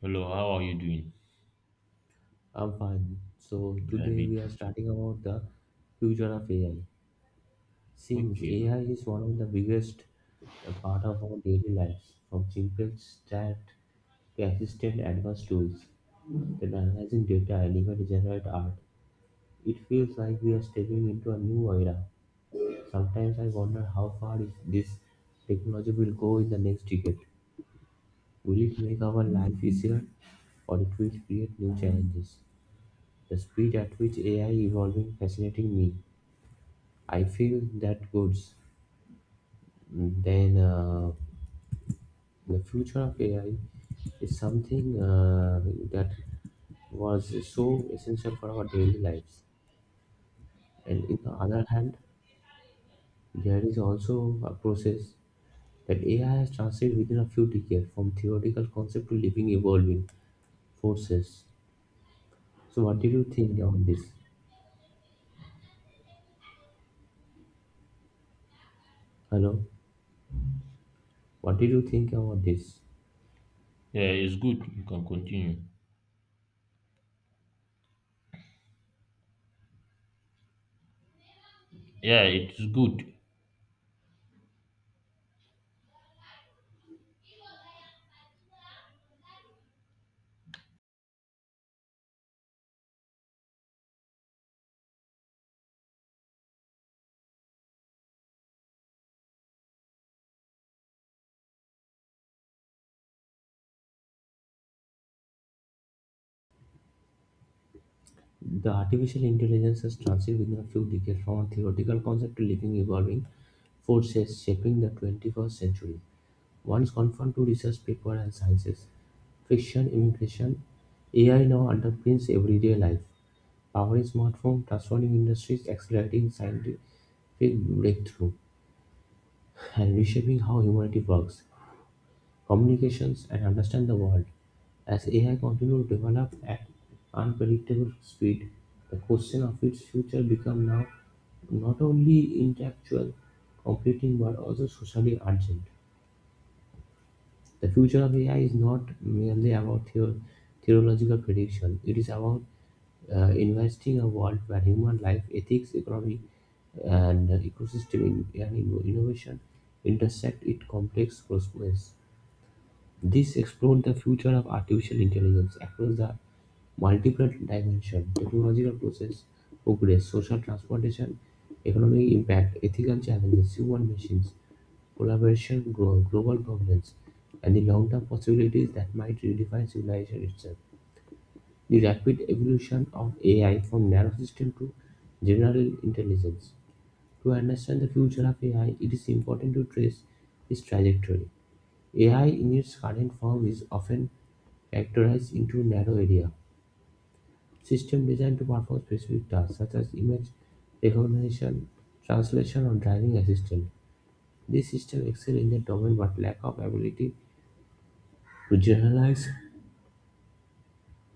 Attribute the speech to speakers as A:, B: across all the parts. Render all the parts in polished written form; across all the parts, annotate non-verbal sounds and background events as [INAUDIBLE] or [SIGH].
A: Hello, how are you doing?
B: I'm fine. So
A: Yeah,
B: today
A: me
B: we
A: too.
B: are starting about the future of AI. Since
A: Okay.
B: AI is one of the biggest part of our daily lives, from simple chat to assistant advanced tools that analyzing data and even generate art, it feels like we are stepping into a new era. Sometimes I wonder how far is this technology will go in the next decade. Will it make our life easier, or it will create new challenges? The speed at which AI evolving fascinating me. I feel that goods. Then the future of AI is something that was so essential for our daily lives. And in the other hand, there is also a process that AI has translated within a few decades from theoretical concept to living, evolving forces. So, what did you think about this? Hello, what did you think about this?
A: Yeah, it's good. You can continue. Yeah, it's good.
B: The artificial intelligence has transited within a few decades from a theoretical concept to living, evolving forces shaping the 21st century. Once confined to research papers and sciences, fiction, immigration, AI now underpins everyday life, powering smartphones, transforming industries, accelerating scientific breakthrough, and reshaping how humanity works communications, and understand the world. As AI continues to develop at unpredictable speed, the question of its future becomes now not only intellectual, competing, but also socially urgent. The future of AI is not merely about theological prediction, it is about investing a world where human life, ethics, economy, and ecosystem and innovation intersect in complex ways. This explored the future of artificial intelligence across the multiple dimensions: technological process, progress, social transformation, economic impact, ethical challenges, human machines, collaboration, global governance, and the long-term possibilities that might redefine civilization itself. The rapid evolution of AI from narrow system to general intelligence. To understand the future of AI, it is important to trace its trajectory. AI in its current form is often characterized into narrow area system designed to perform specific tasks such as image recognition, translation, or driving assistance. These systems excel in their domain but lack of ability to generalize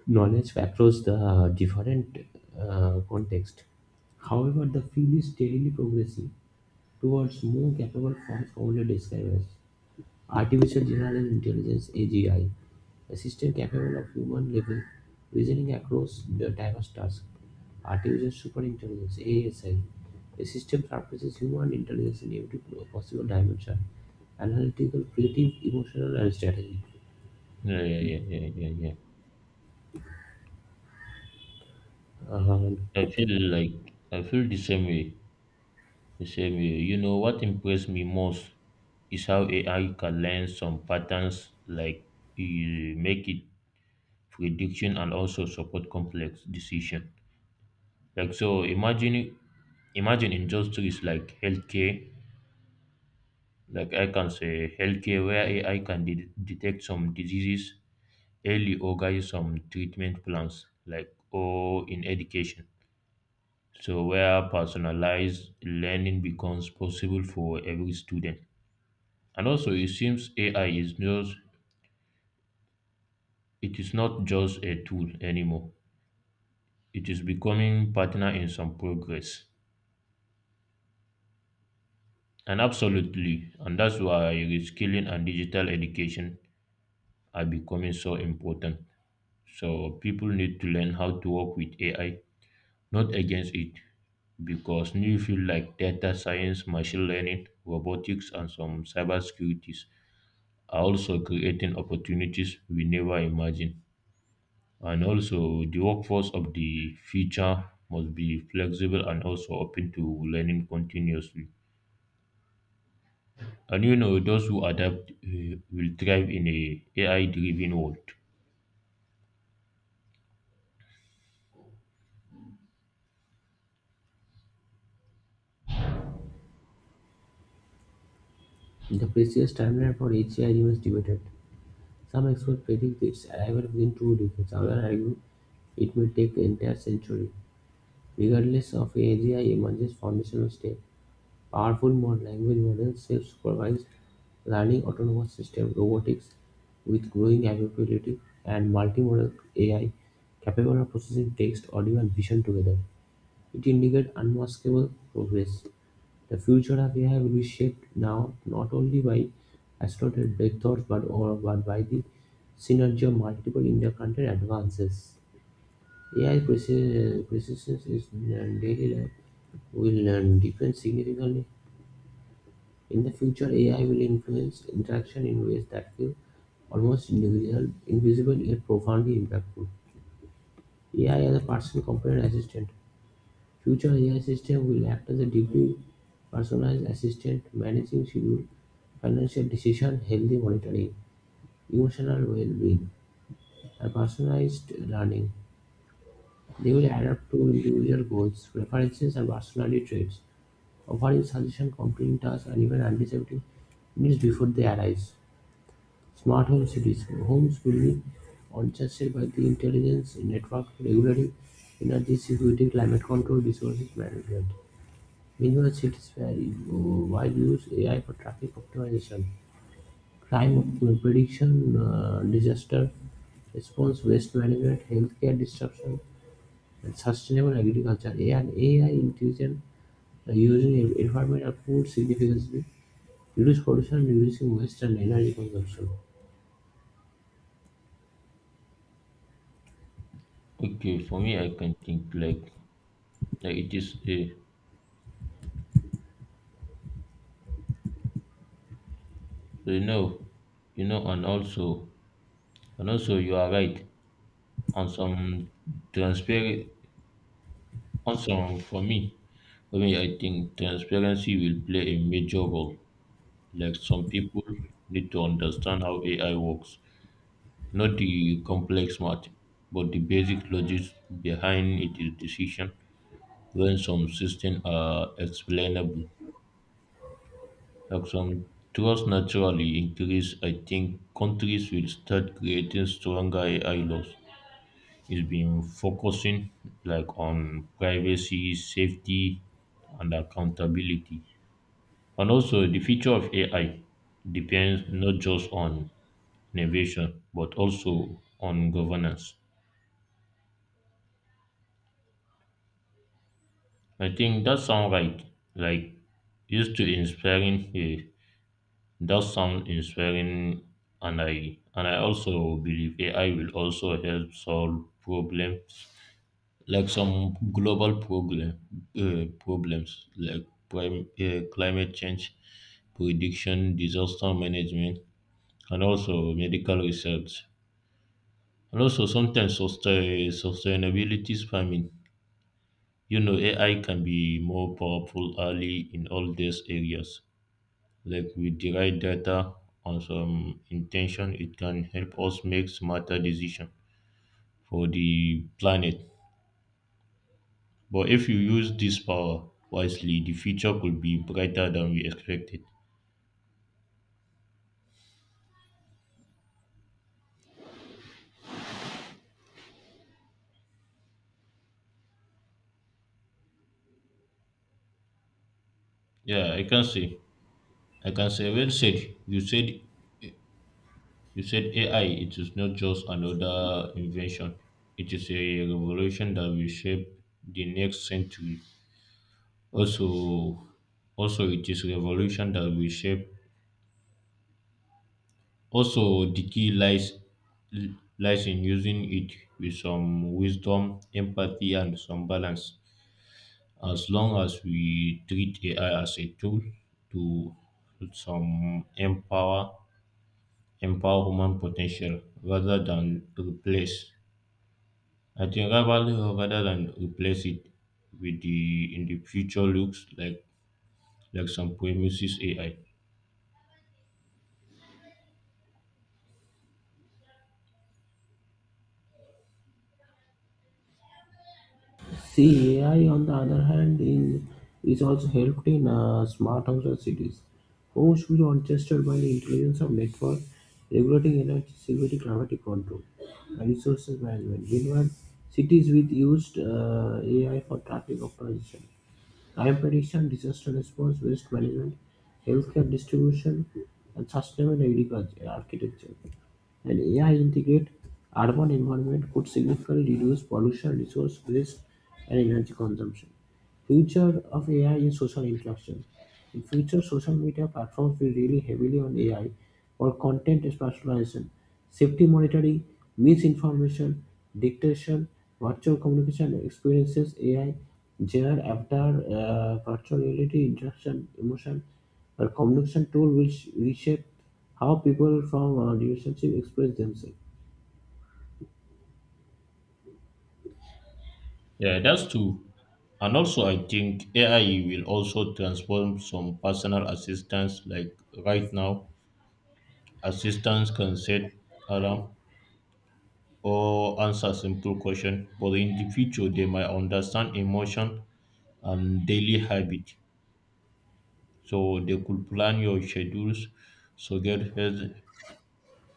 B: knowledge across the different context. However, the field is steadily progressing towards more capable forms commonly described as Artificial General Intelligence (AGI) system capable of human level reasoning across the diverse tasks. Artificial Superintelligence (ASI) a system surpasses human intelligence in every possible dimension analytical, creative, emotional, and strategic.
A: Yeah, yeah, yeah, yeah, yeah, yeah.
B: Um,
A: I feel the same way. The same way. You know what impressed me most is how AI can learn some patterns, like you make it prediction and also support complex decision. Like so, imagine industries like healthcare, like I can say healthcare where AI can detect some diseases early or guide some treatment plans, like, or in education, so where personalized learning becomes possible for every student. And also, it seems AI is just, it is not just a tool anymore, it is becoming partner in some progress. And absolutely, and that's why reskilling and digital education are becoming so important. So people need to learn how to work with AI, not against it, because new fields like data science, machine learning, robotics, and some cybersecurities are also creating opportunities we never imagined. And also, the workforce of the future must be flexible and also open to learning continuously. And you know, those who adapt will thrive in a AI-driven world.
B: the precise timeline for AGI remains debated. Some experts predict its arrival within two decades, others argue it may take the entire century. Regardless of AGI emerges foundational step Powerful mod language models, self-supervised learning, autonomous systems, robotics with growing availability, and multimodal AI capable of processing text, audio, and vision together. It indicates unmaskable progress. The future of AI will be shaped now not only by accelerated breakthroughs but by the synergy of multiple interconnected advances. AI precision in daily life will depend significantly in the future, AI will influence interaction in ways that feel almost individual, invisible, yet profoundly impactful. AI as a person component assistant. Future AI system will act as a deeply personalized assistant, managing schedule, financial decision, healthy monitoring, emotional well-being, and personalized learning. They will adapt to individual goals, preferences, and personality traits, offering suggestions, completing tasks, and even anticipating needs before they arise. Smart home cities: homes will be adjusted by the intelligence network regularly, energy security, climate control, resources management. Meanwhile, cities where wide use AI for traffic optimization, crime prediction, disaster response, waste management, healthcare disruption, and sustainable agriculture. AI and AI intelligent using environmental food significantly reduce pollution, reducing waste and energy consumption.
A: Okay, for me, I can think like that it is a, you know, and also, and also you are right. on some transparent on some for me For me, I think transparency will play a major role. Like some people need to understand how AI works, not the complex math, but the basic logic behind it is decision. When some systems are explainable, like some, trust naturally increase. I think countries will start creating stronger AI laws. It's been focusing like on privacy, safety, and accountability. And also, the future of AI depends not just on innovation but also on governance. I think that sound right. Like used to inspiring eh, That sound inspiring. And I also believe AI will also help solve problem, like some global problem, problems like climate change prediction, disaster management, and also medical research. And also sometimes sustainability farming. You know, AI can be more powerful early in all these areas. Like with the right data and some intention, it can help us make smarter decisions for the planet. But if you use this power wisely, the future could be brighter than we expected. Yeah, I can say. I can say, well said. You said you said AI it is not just another invention. It is a revolution that will shape the next century. Also also it is revolution that will shape also the key lies in using it with some wisdom, empathy and some balance. As long as we treat AI as a tool to some empower empower human potential rather than replace. I think rather than replace it, with the in the future looks like some premises AI.
B: See AI on the other hand, in, is also helped in smart homes and cities. Homes should be orchestrated by the intelligence of network, regulating energy security, climatic control, and resources management. Meanwhile, cities with used AI for traffic optimization, crime prediction, disaster response, waste management, healthcare distribution, and sustainable agriculture architecture. An AI integrated urban environment could significantly reduce pollution, resource waste, and energy consumption. Future of AI in social interaction. In future, social media platforms will rely heavily on AI for content personalization, safety monitoring, misinformation, dictation, virtual communication experiences, AI, JR, avatar, virtual reality, interaction, emotion, or communication tool will reshape how people from relationships express themselves.
A: Yeah, that's true. And also, I think AI will also transform some personal assistance. Like right now, assistants can set alarm, or answer simple question, but in the future they might understand emotion and daily habit, so they could plan your schedules, so get health,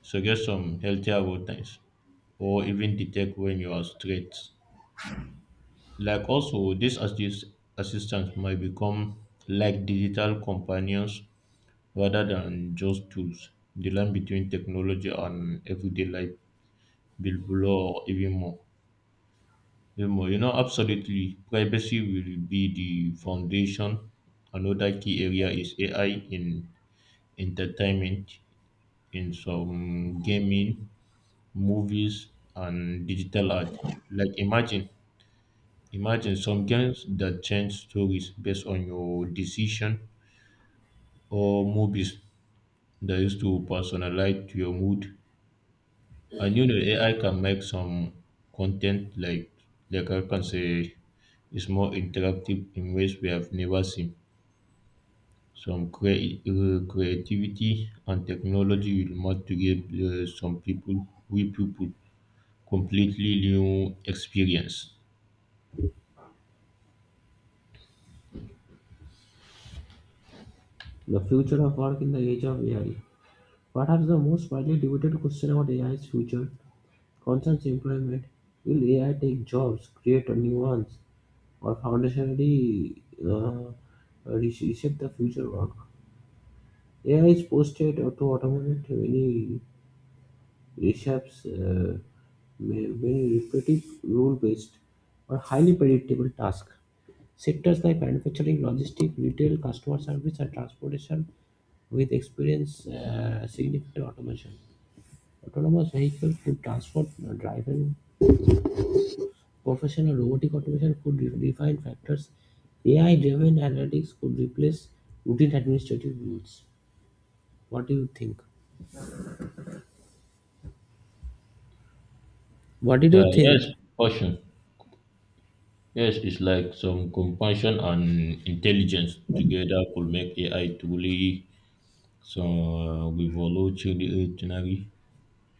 A: so get some healthier routines, or even detect when you are stressed. Like also this assistance might become like digital companions rather than just tools. The line between technology and everyday life will blur even more. You know, absolutely. Privacy will be the foundation. Another key area is AI in entertainment, in some gaming, movies, and digital art. Like imagine some games that change stories based on your decision, or movies that used to personalize to your mood. And you know, AI can make some content like I can say, is more interactive in ways we have never seen. Some creativity and technology will must to give some people, we people, completely new experience.
B: The future of work in the age of AI. Perhaps the most widely debated question about AI's future concerns employment. Will AI take jobs, create a new ones, or foundationally uh, reshape the future work? AI is posted to automate many reshapes many repetitive, rule-based, or highly predictable tasks. Sectors like manufacturing, logistics, retail, customer service, and transportation with experience significant automation. Autonomous vehicle could transport, driving, professional robotic automation could refine factors. AI-driven analytics could replace routine administrative rules. What do you think? What did
A: Yeah,
B: you think?
A: yes, passion. Yes, it's like some compassion and intelligence together could make AI truly some revolutionary.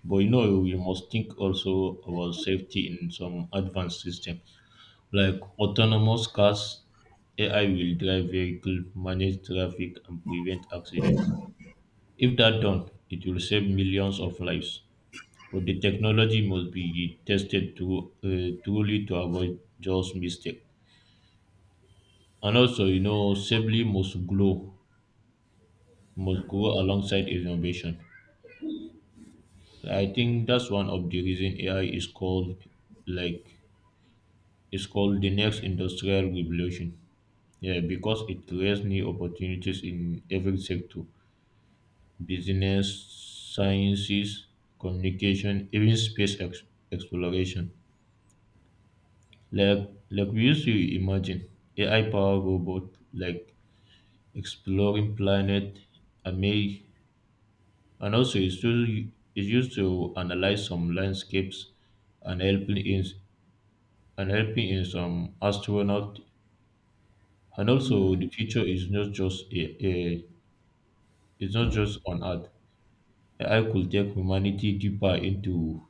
A: But you know, we must think also about safety in some advanced system. Like autonomous cars, AI will drive vehicles, manage traffic, and prevent accidents. If that done, it will save millions of lives. But the technology must be tested to, truly to avoid just mistake. And also, you know, safely must grow alongside innovation. I think that's one of the reason AI is called, like, it's called the next industrial revolution. Yeah, because it creates new opportunities in every sector: business, sciences, communication, even exploration. Like we used to imagine AI powered robot like exploring planet, amazing. And also it's used to analyze some landscapes and helping in some astronaut. And also the future is not just a it's not just on earth. AI could take humanity deeper into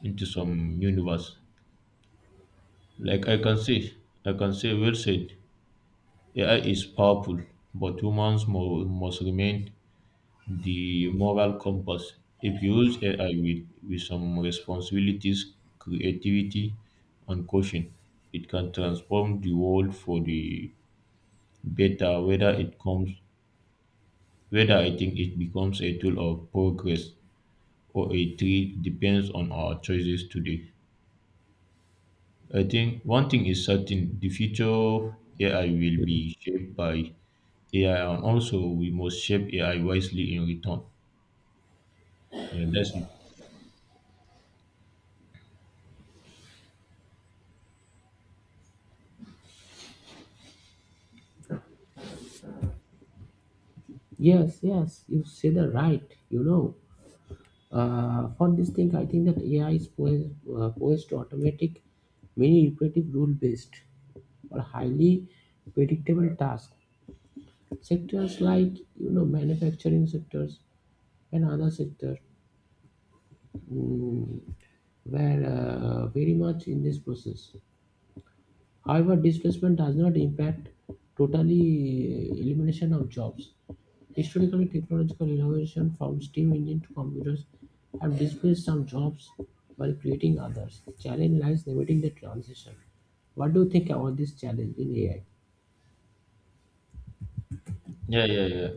A: into some universe. Like I can say, I can say, well said. AI is powerful, but humans must remain the moral compass. If you use AI with some responsibilities, creativity, and caution, it can transform the world for the better. Whether it comes, whether I think it becomes a tool of progress or a threat depends on our choices today. I think one thing is certain: the future AI will be shaped by. Yeah, and also we must shape AI wisely in return. Yeah, that's it.
B: Yes, yes, you say the right, you know. For this thing, I think that AI is poised to automatic many repetitive rule-based or highly predictable tasks. Sectors like you know manufacturing sectors and other sector were very much in this process. However, displacement does not impact totally elimination of jobs. Historically, technological innovation from steam engine to computers have displaced some jobs while creating others. The challenge lies limiting the transition. What do you think about this challenge in AI?
A: Yeah, yeah, yeah.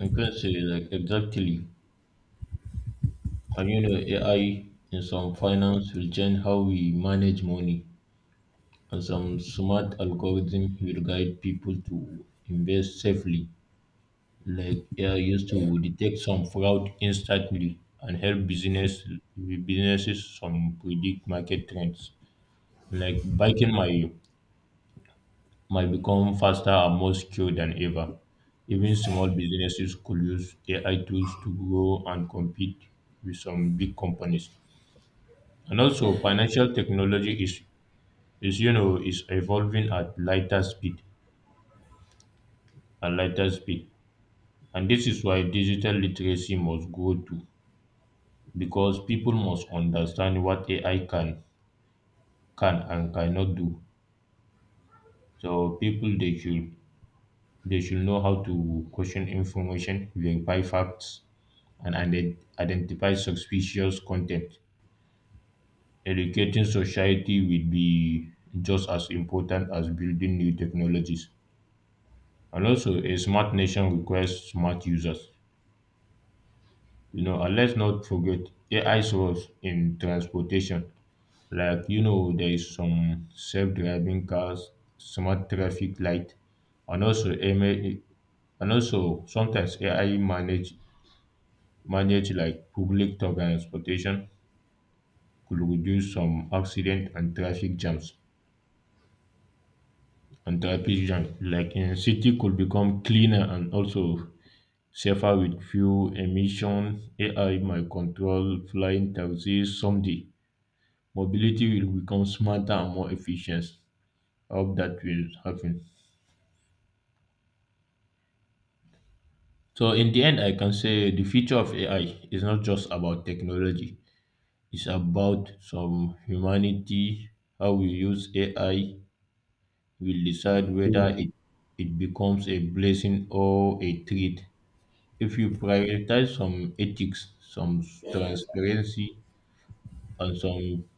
A: I can say, like, exactly. And you know, AI in some finance will change how we manage money, and some smart algorithm will guide people to invest safely. Like AI used to detect some fraud instantly and help businesses some predict market trends. Like back in my, might become faster and more secure than ever. Even small businesses could use AI tools to grow and compete with some big companies. And also, financial technology is you know is evolving at lighter speed, and this is why digital literacy must grow too, because people must understand what AI can and cannot do. So people they should They should know how to question information, verify facts, and identify suspicious content. Educating society will be just as important as building new technologies. And also, a smart nation requires smart users. You know, and let's not forget AI source in transportation. Like, you know, there is some self driving cars, smart traffic light, and also, AI, and also sometimes AI managed like public transportation could reduce some accident and traffic jams, like in city could become cleaner and also safer with few emission. AI might control flying taxis someday. Mobility will become smarter and more efficient. I hope that will happen. So in the end, I can say the future of AI is not just about technology, it's about some humanity. How we use AI will decide whether
B: Hmm.
A: it becomes a blessing or a threat. If you prioritize some ethics, some transparency, and some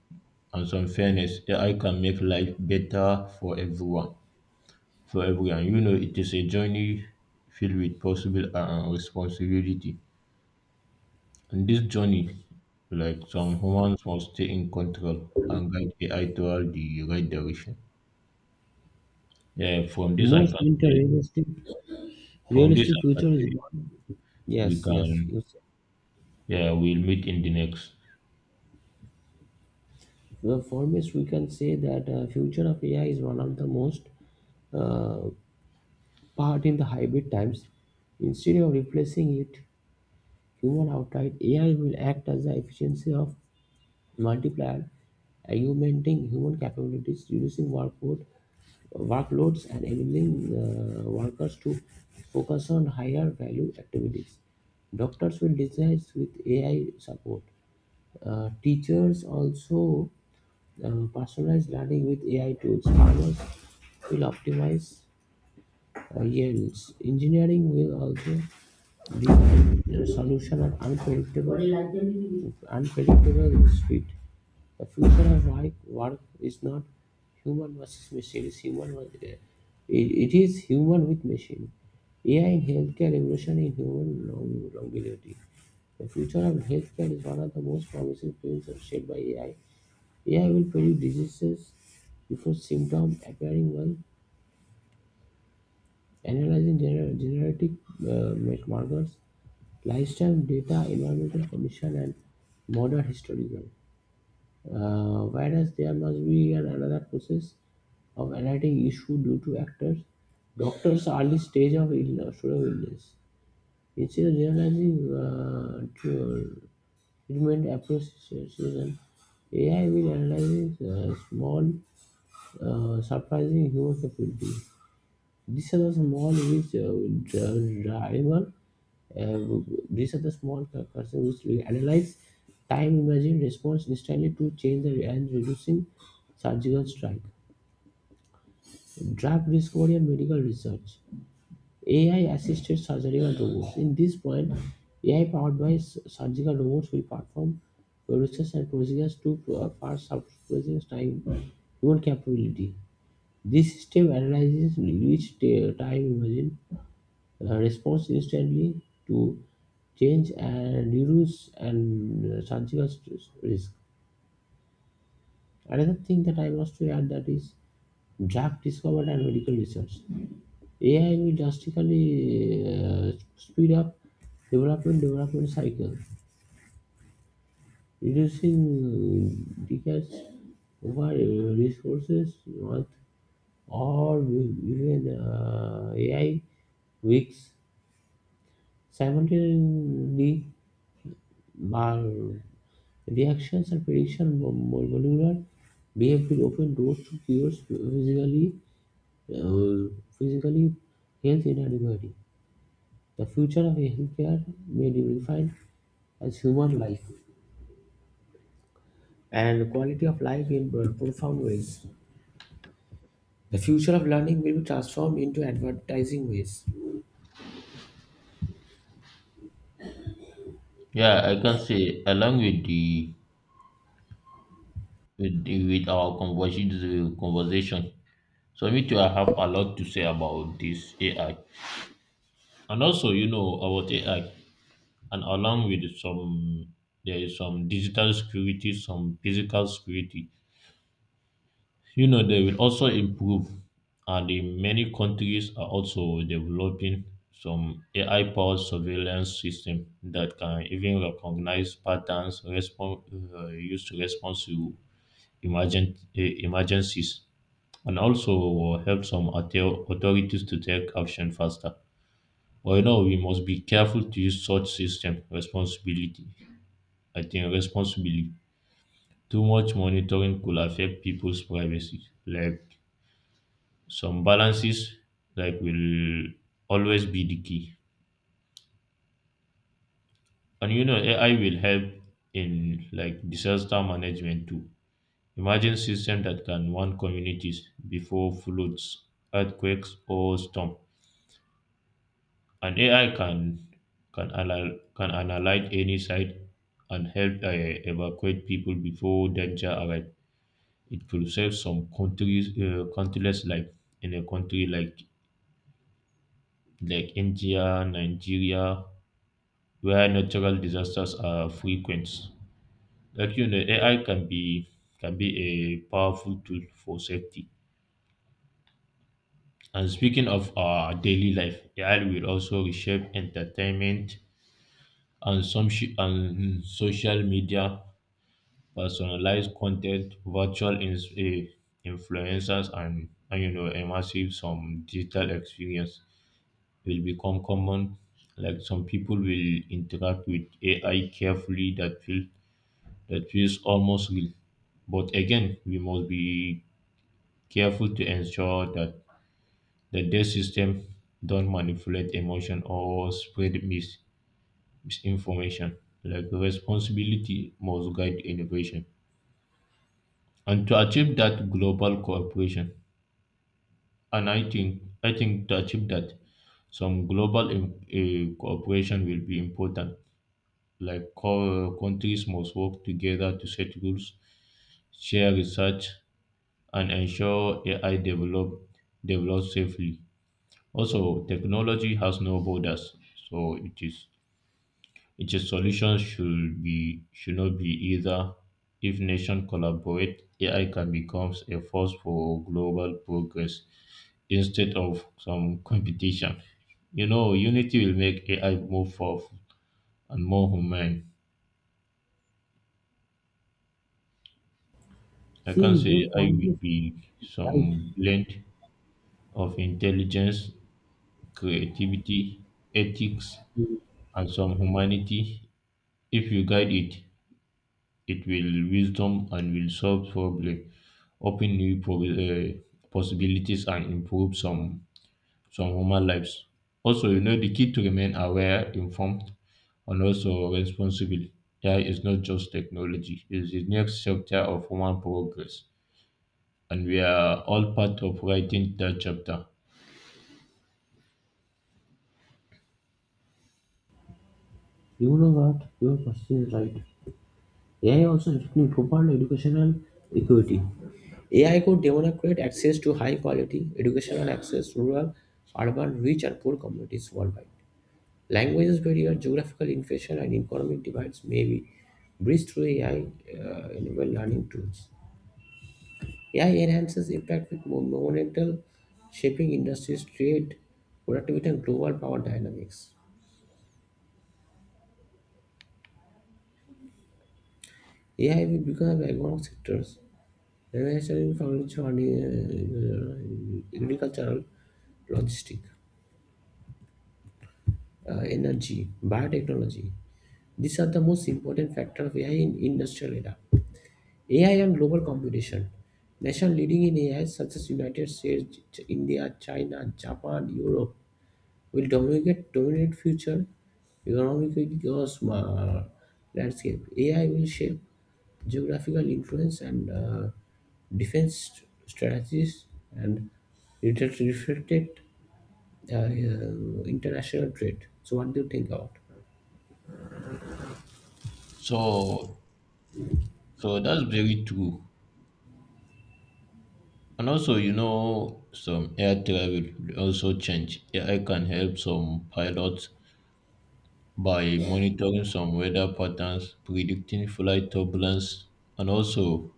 A: and some fairness, AI can make life better for everyone. For everyone, you know, it is a journey filled with possible and responsibility. In this journey, like some humans must stay in control and guide AI toward the right direction. Yeah, from this I
B: Most
A: can say,
B: interesting
A: from this
B: realistic
A: I can
B: future is
A: say,
B: one.
A: we
B: Yes, yes.
A: can
B: You said.
A: Yeah, we'll meet in the next.
B: Well, for me, we can say that future of AI is one of the most part in the hybrid times. Instead of replacing it, Human outright AI will act as the efficiency of multiplier, augmenting human capabilities, reducing workloads, and enabling workers to focus on higher value activities. Doctors will design with AI support. Teachers also personalized learning with AI tools. Farmers will optimize yes, engineering will also the solution of unpredictable speed. The future of work is not human versus machine. It's it is human with machine. AI in healthcare revolution in human longevity. The future of healthcare is one of the most promising fields shaped by AI. AI will predict diseases before symptoms appearing well Analyzing genetic markers, lifestyle data, environmental condition, and modern historical. Whereas there must be an another process of analyzing issue due to actors, doctors' early stage of illness, sort of illness. Instead of generalizing treatment approaches, AI will analyze small, surprising human capabilities. These are the small which driver Uh, these are the small cursors which we analyze time imagine response instantly to change the and reducing surgical strike. Drug discovery and medical research. AI assisted surgical robots. In this point, AI powered by surgical robots will perform procedures to far surpassing time human capability. This system analyzes each time imagine responds instantly to change and reduce and surgical stress- risk. Another thing that I must to add that is drug discovery and medical research. AI will drastically speed up development cycle, reducing decades over resources month or even AI weeks simultaneously. Bar Reactions and prediction molecular behavior open doors to cures physically, uh, physically health inadequacy. The future of healthcare may be refined as human life and quality of life in profound ways. The future of learning will be transformed into advertising ways.
A: Yeah, I can say along with the, with our conversation. So me too, I have a lot to say about this AI, and also you know about AI, and along with some, there is some digital security, some physical security. You know, they will also improve, and in many countries are also developing some AI powered surveillance system that can even recognize patterns, respond, used to response to emergencies, and also help some authorities to take action faster. But you know, we must be careful to use such system responsibility. I think responsibly. Too much monitoring could affect people's privacy, like. Some balances like will always be the key. And you know AI will help in like disaster management too. Imagine system that can warn communities before floods, earthquakes or storm. And AI can analyze any site and help evacuate people before danger arrives. It could save some countries, countless life in a country like India, Nigeria, where natural disasters are frequent. Like you know, AI can be a powerful tool for safety. And speaking of our daily life, AI will also reshape entertainment and social media, personalized content, influencers, and you know, immersive some digital experience will become common. Like some people will interact with AI carefully that feels almost real. But again, we must be careful to ensure that the debt system don't manipulate emotion or spread misinformation. Like responsibility must guide innovation. And to achieve that global cooperation, and I think to achieve that, some cooperation will be important. Like countries must work together to set rules, share research, and ensure AI develops safely. Also, technology has no borders, so it is its solutions should not be either. If nations collaborate, AI can become a force for global progress instead of some [LAUGHS] competition. You know, unity will make AI more powerful and more humane. I can
B: See, your
A: say AI
B: point
A: will
B: is
A: be
B: right.
A: some blend of intelligence, creativity, ethics, and some humanity. If you guide it, it will wisdom and will solve problem, open new possibilities and improve some human lives. Also, you know the key to remain aware, informed, and also responsible. AI is not just technology; it is the next chapter of human progress, and we are all part of writing that chapter.
B: You know what? Your question is right. AI also threatens profound educational equity. AI could democratize access to high quality educational access rural, urban, rich and poor communities worldwide. Languages barrier, geographical inflation and economic divides may be bridged through AI enabled learning tools. AI enhances impact with monumental shaping industries, trade, productivity and global power dynamics. AI will become a backbone of sectors Organizational economics for agricultural, logistic, energy, biotechnology. These are the most important factor of AI in industrial era. AI and global competition. Nation leading in AI such as United States, India, China, Japan, Europe will dominate future economic landscape. AI will shape geographical influence and defense strategies and it has reflected international trade. So, what do you think about?
A: So, so that's very true. And also, you know, some air travel will also change. AI can help some pilots by monitoring some weather patterns, predicting flight turbulence, and also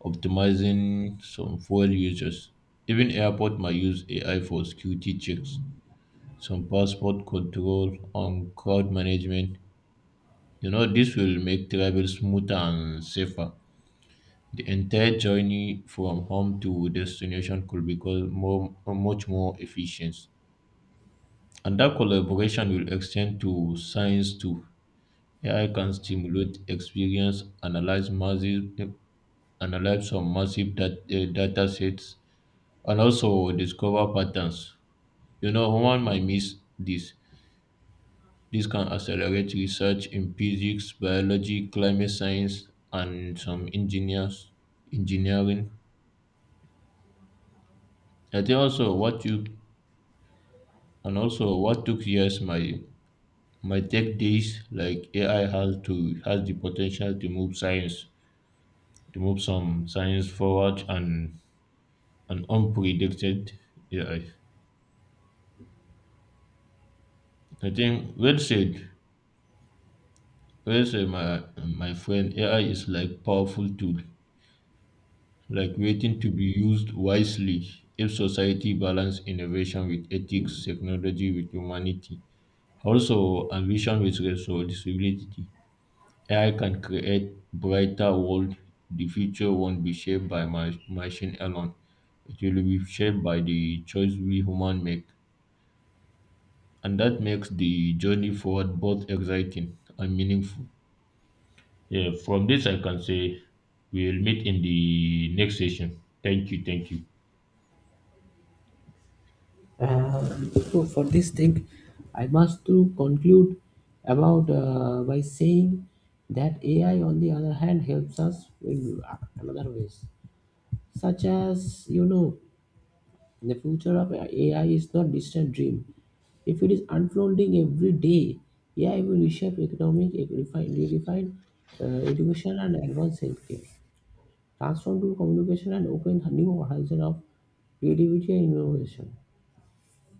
A: optimizing some fuel usage. Even airport might use AI for security checks, some passport control, and crowd management. You know, this will make travel smoother and safer. The entire journey from home to destination could become much more efficient. And that collaboration will extend to science too. AI can stimulate experience, analyze some massive data sets, and also discover patterns. You know, one might miss this. This can accelerate research in physics, biology, climate science, and some engineers engineering. I think also what you And also, what took years my my tech days. Like AI has to has the potential to move some science forward and unpredicted AI. I think well said, my friend. AI is like powerful tool, like waiting to be used wisely. If society balance innovation with ethics, technology with humanity, also ambition with responsibility. AI can create brighter world. The future won't be shaped by machine alone. It will be shaped by the choice we human make. And that makes the journey forward both exciting and meaningful. Yeah, from this I can say we'll meet in the next session. Thank you, thank you.
B: So for this thing, I must to conclude about by saying that AI, on the other hand, helps us in another ways, such as you know The future of AI is not distant dream. If it is unfolding every day, AI will reshape economic, redefine education and advanced healthcare, transform to communication and open a new horizon of creativity and innovation.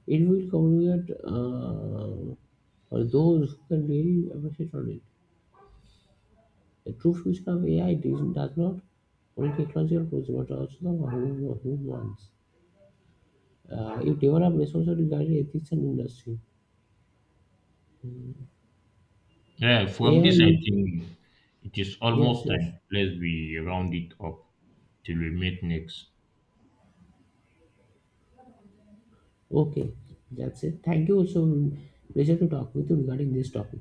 B: It will communicate for those who can really appreciate on it. The true future of AI does not only technological tools but also the human ones. It develops resources regarding ethics and industry.
A: Yeah, from
B: Yeah,
A: this I think it is
B: yes,
A: almost
B: yes.
A: time. Let's be round it up till we meet next.
B: Okay, that's it. Thank you. So, pleasure to talk with you regarding this topic.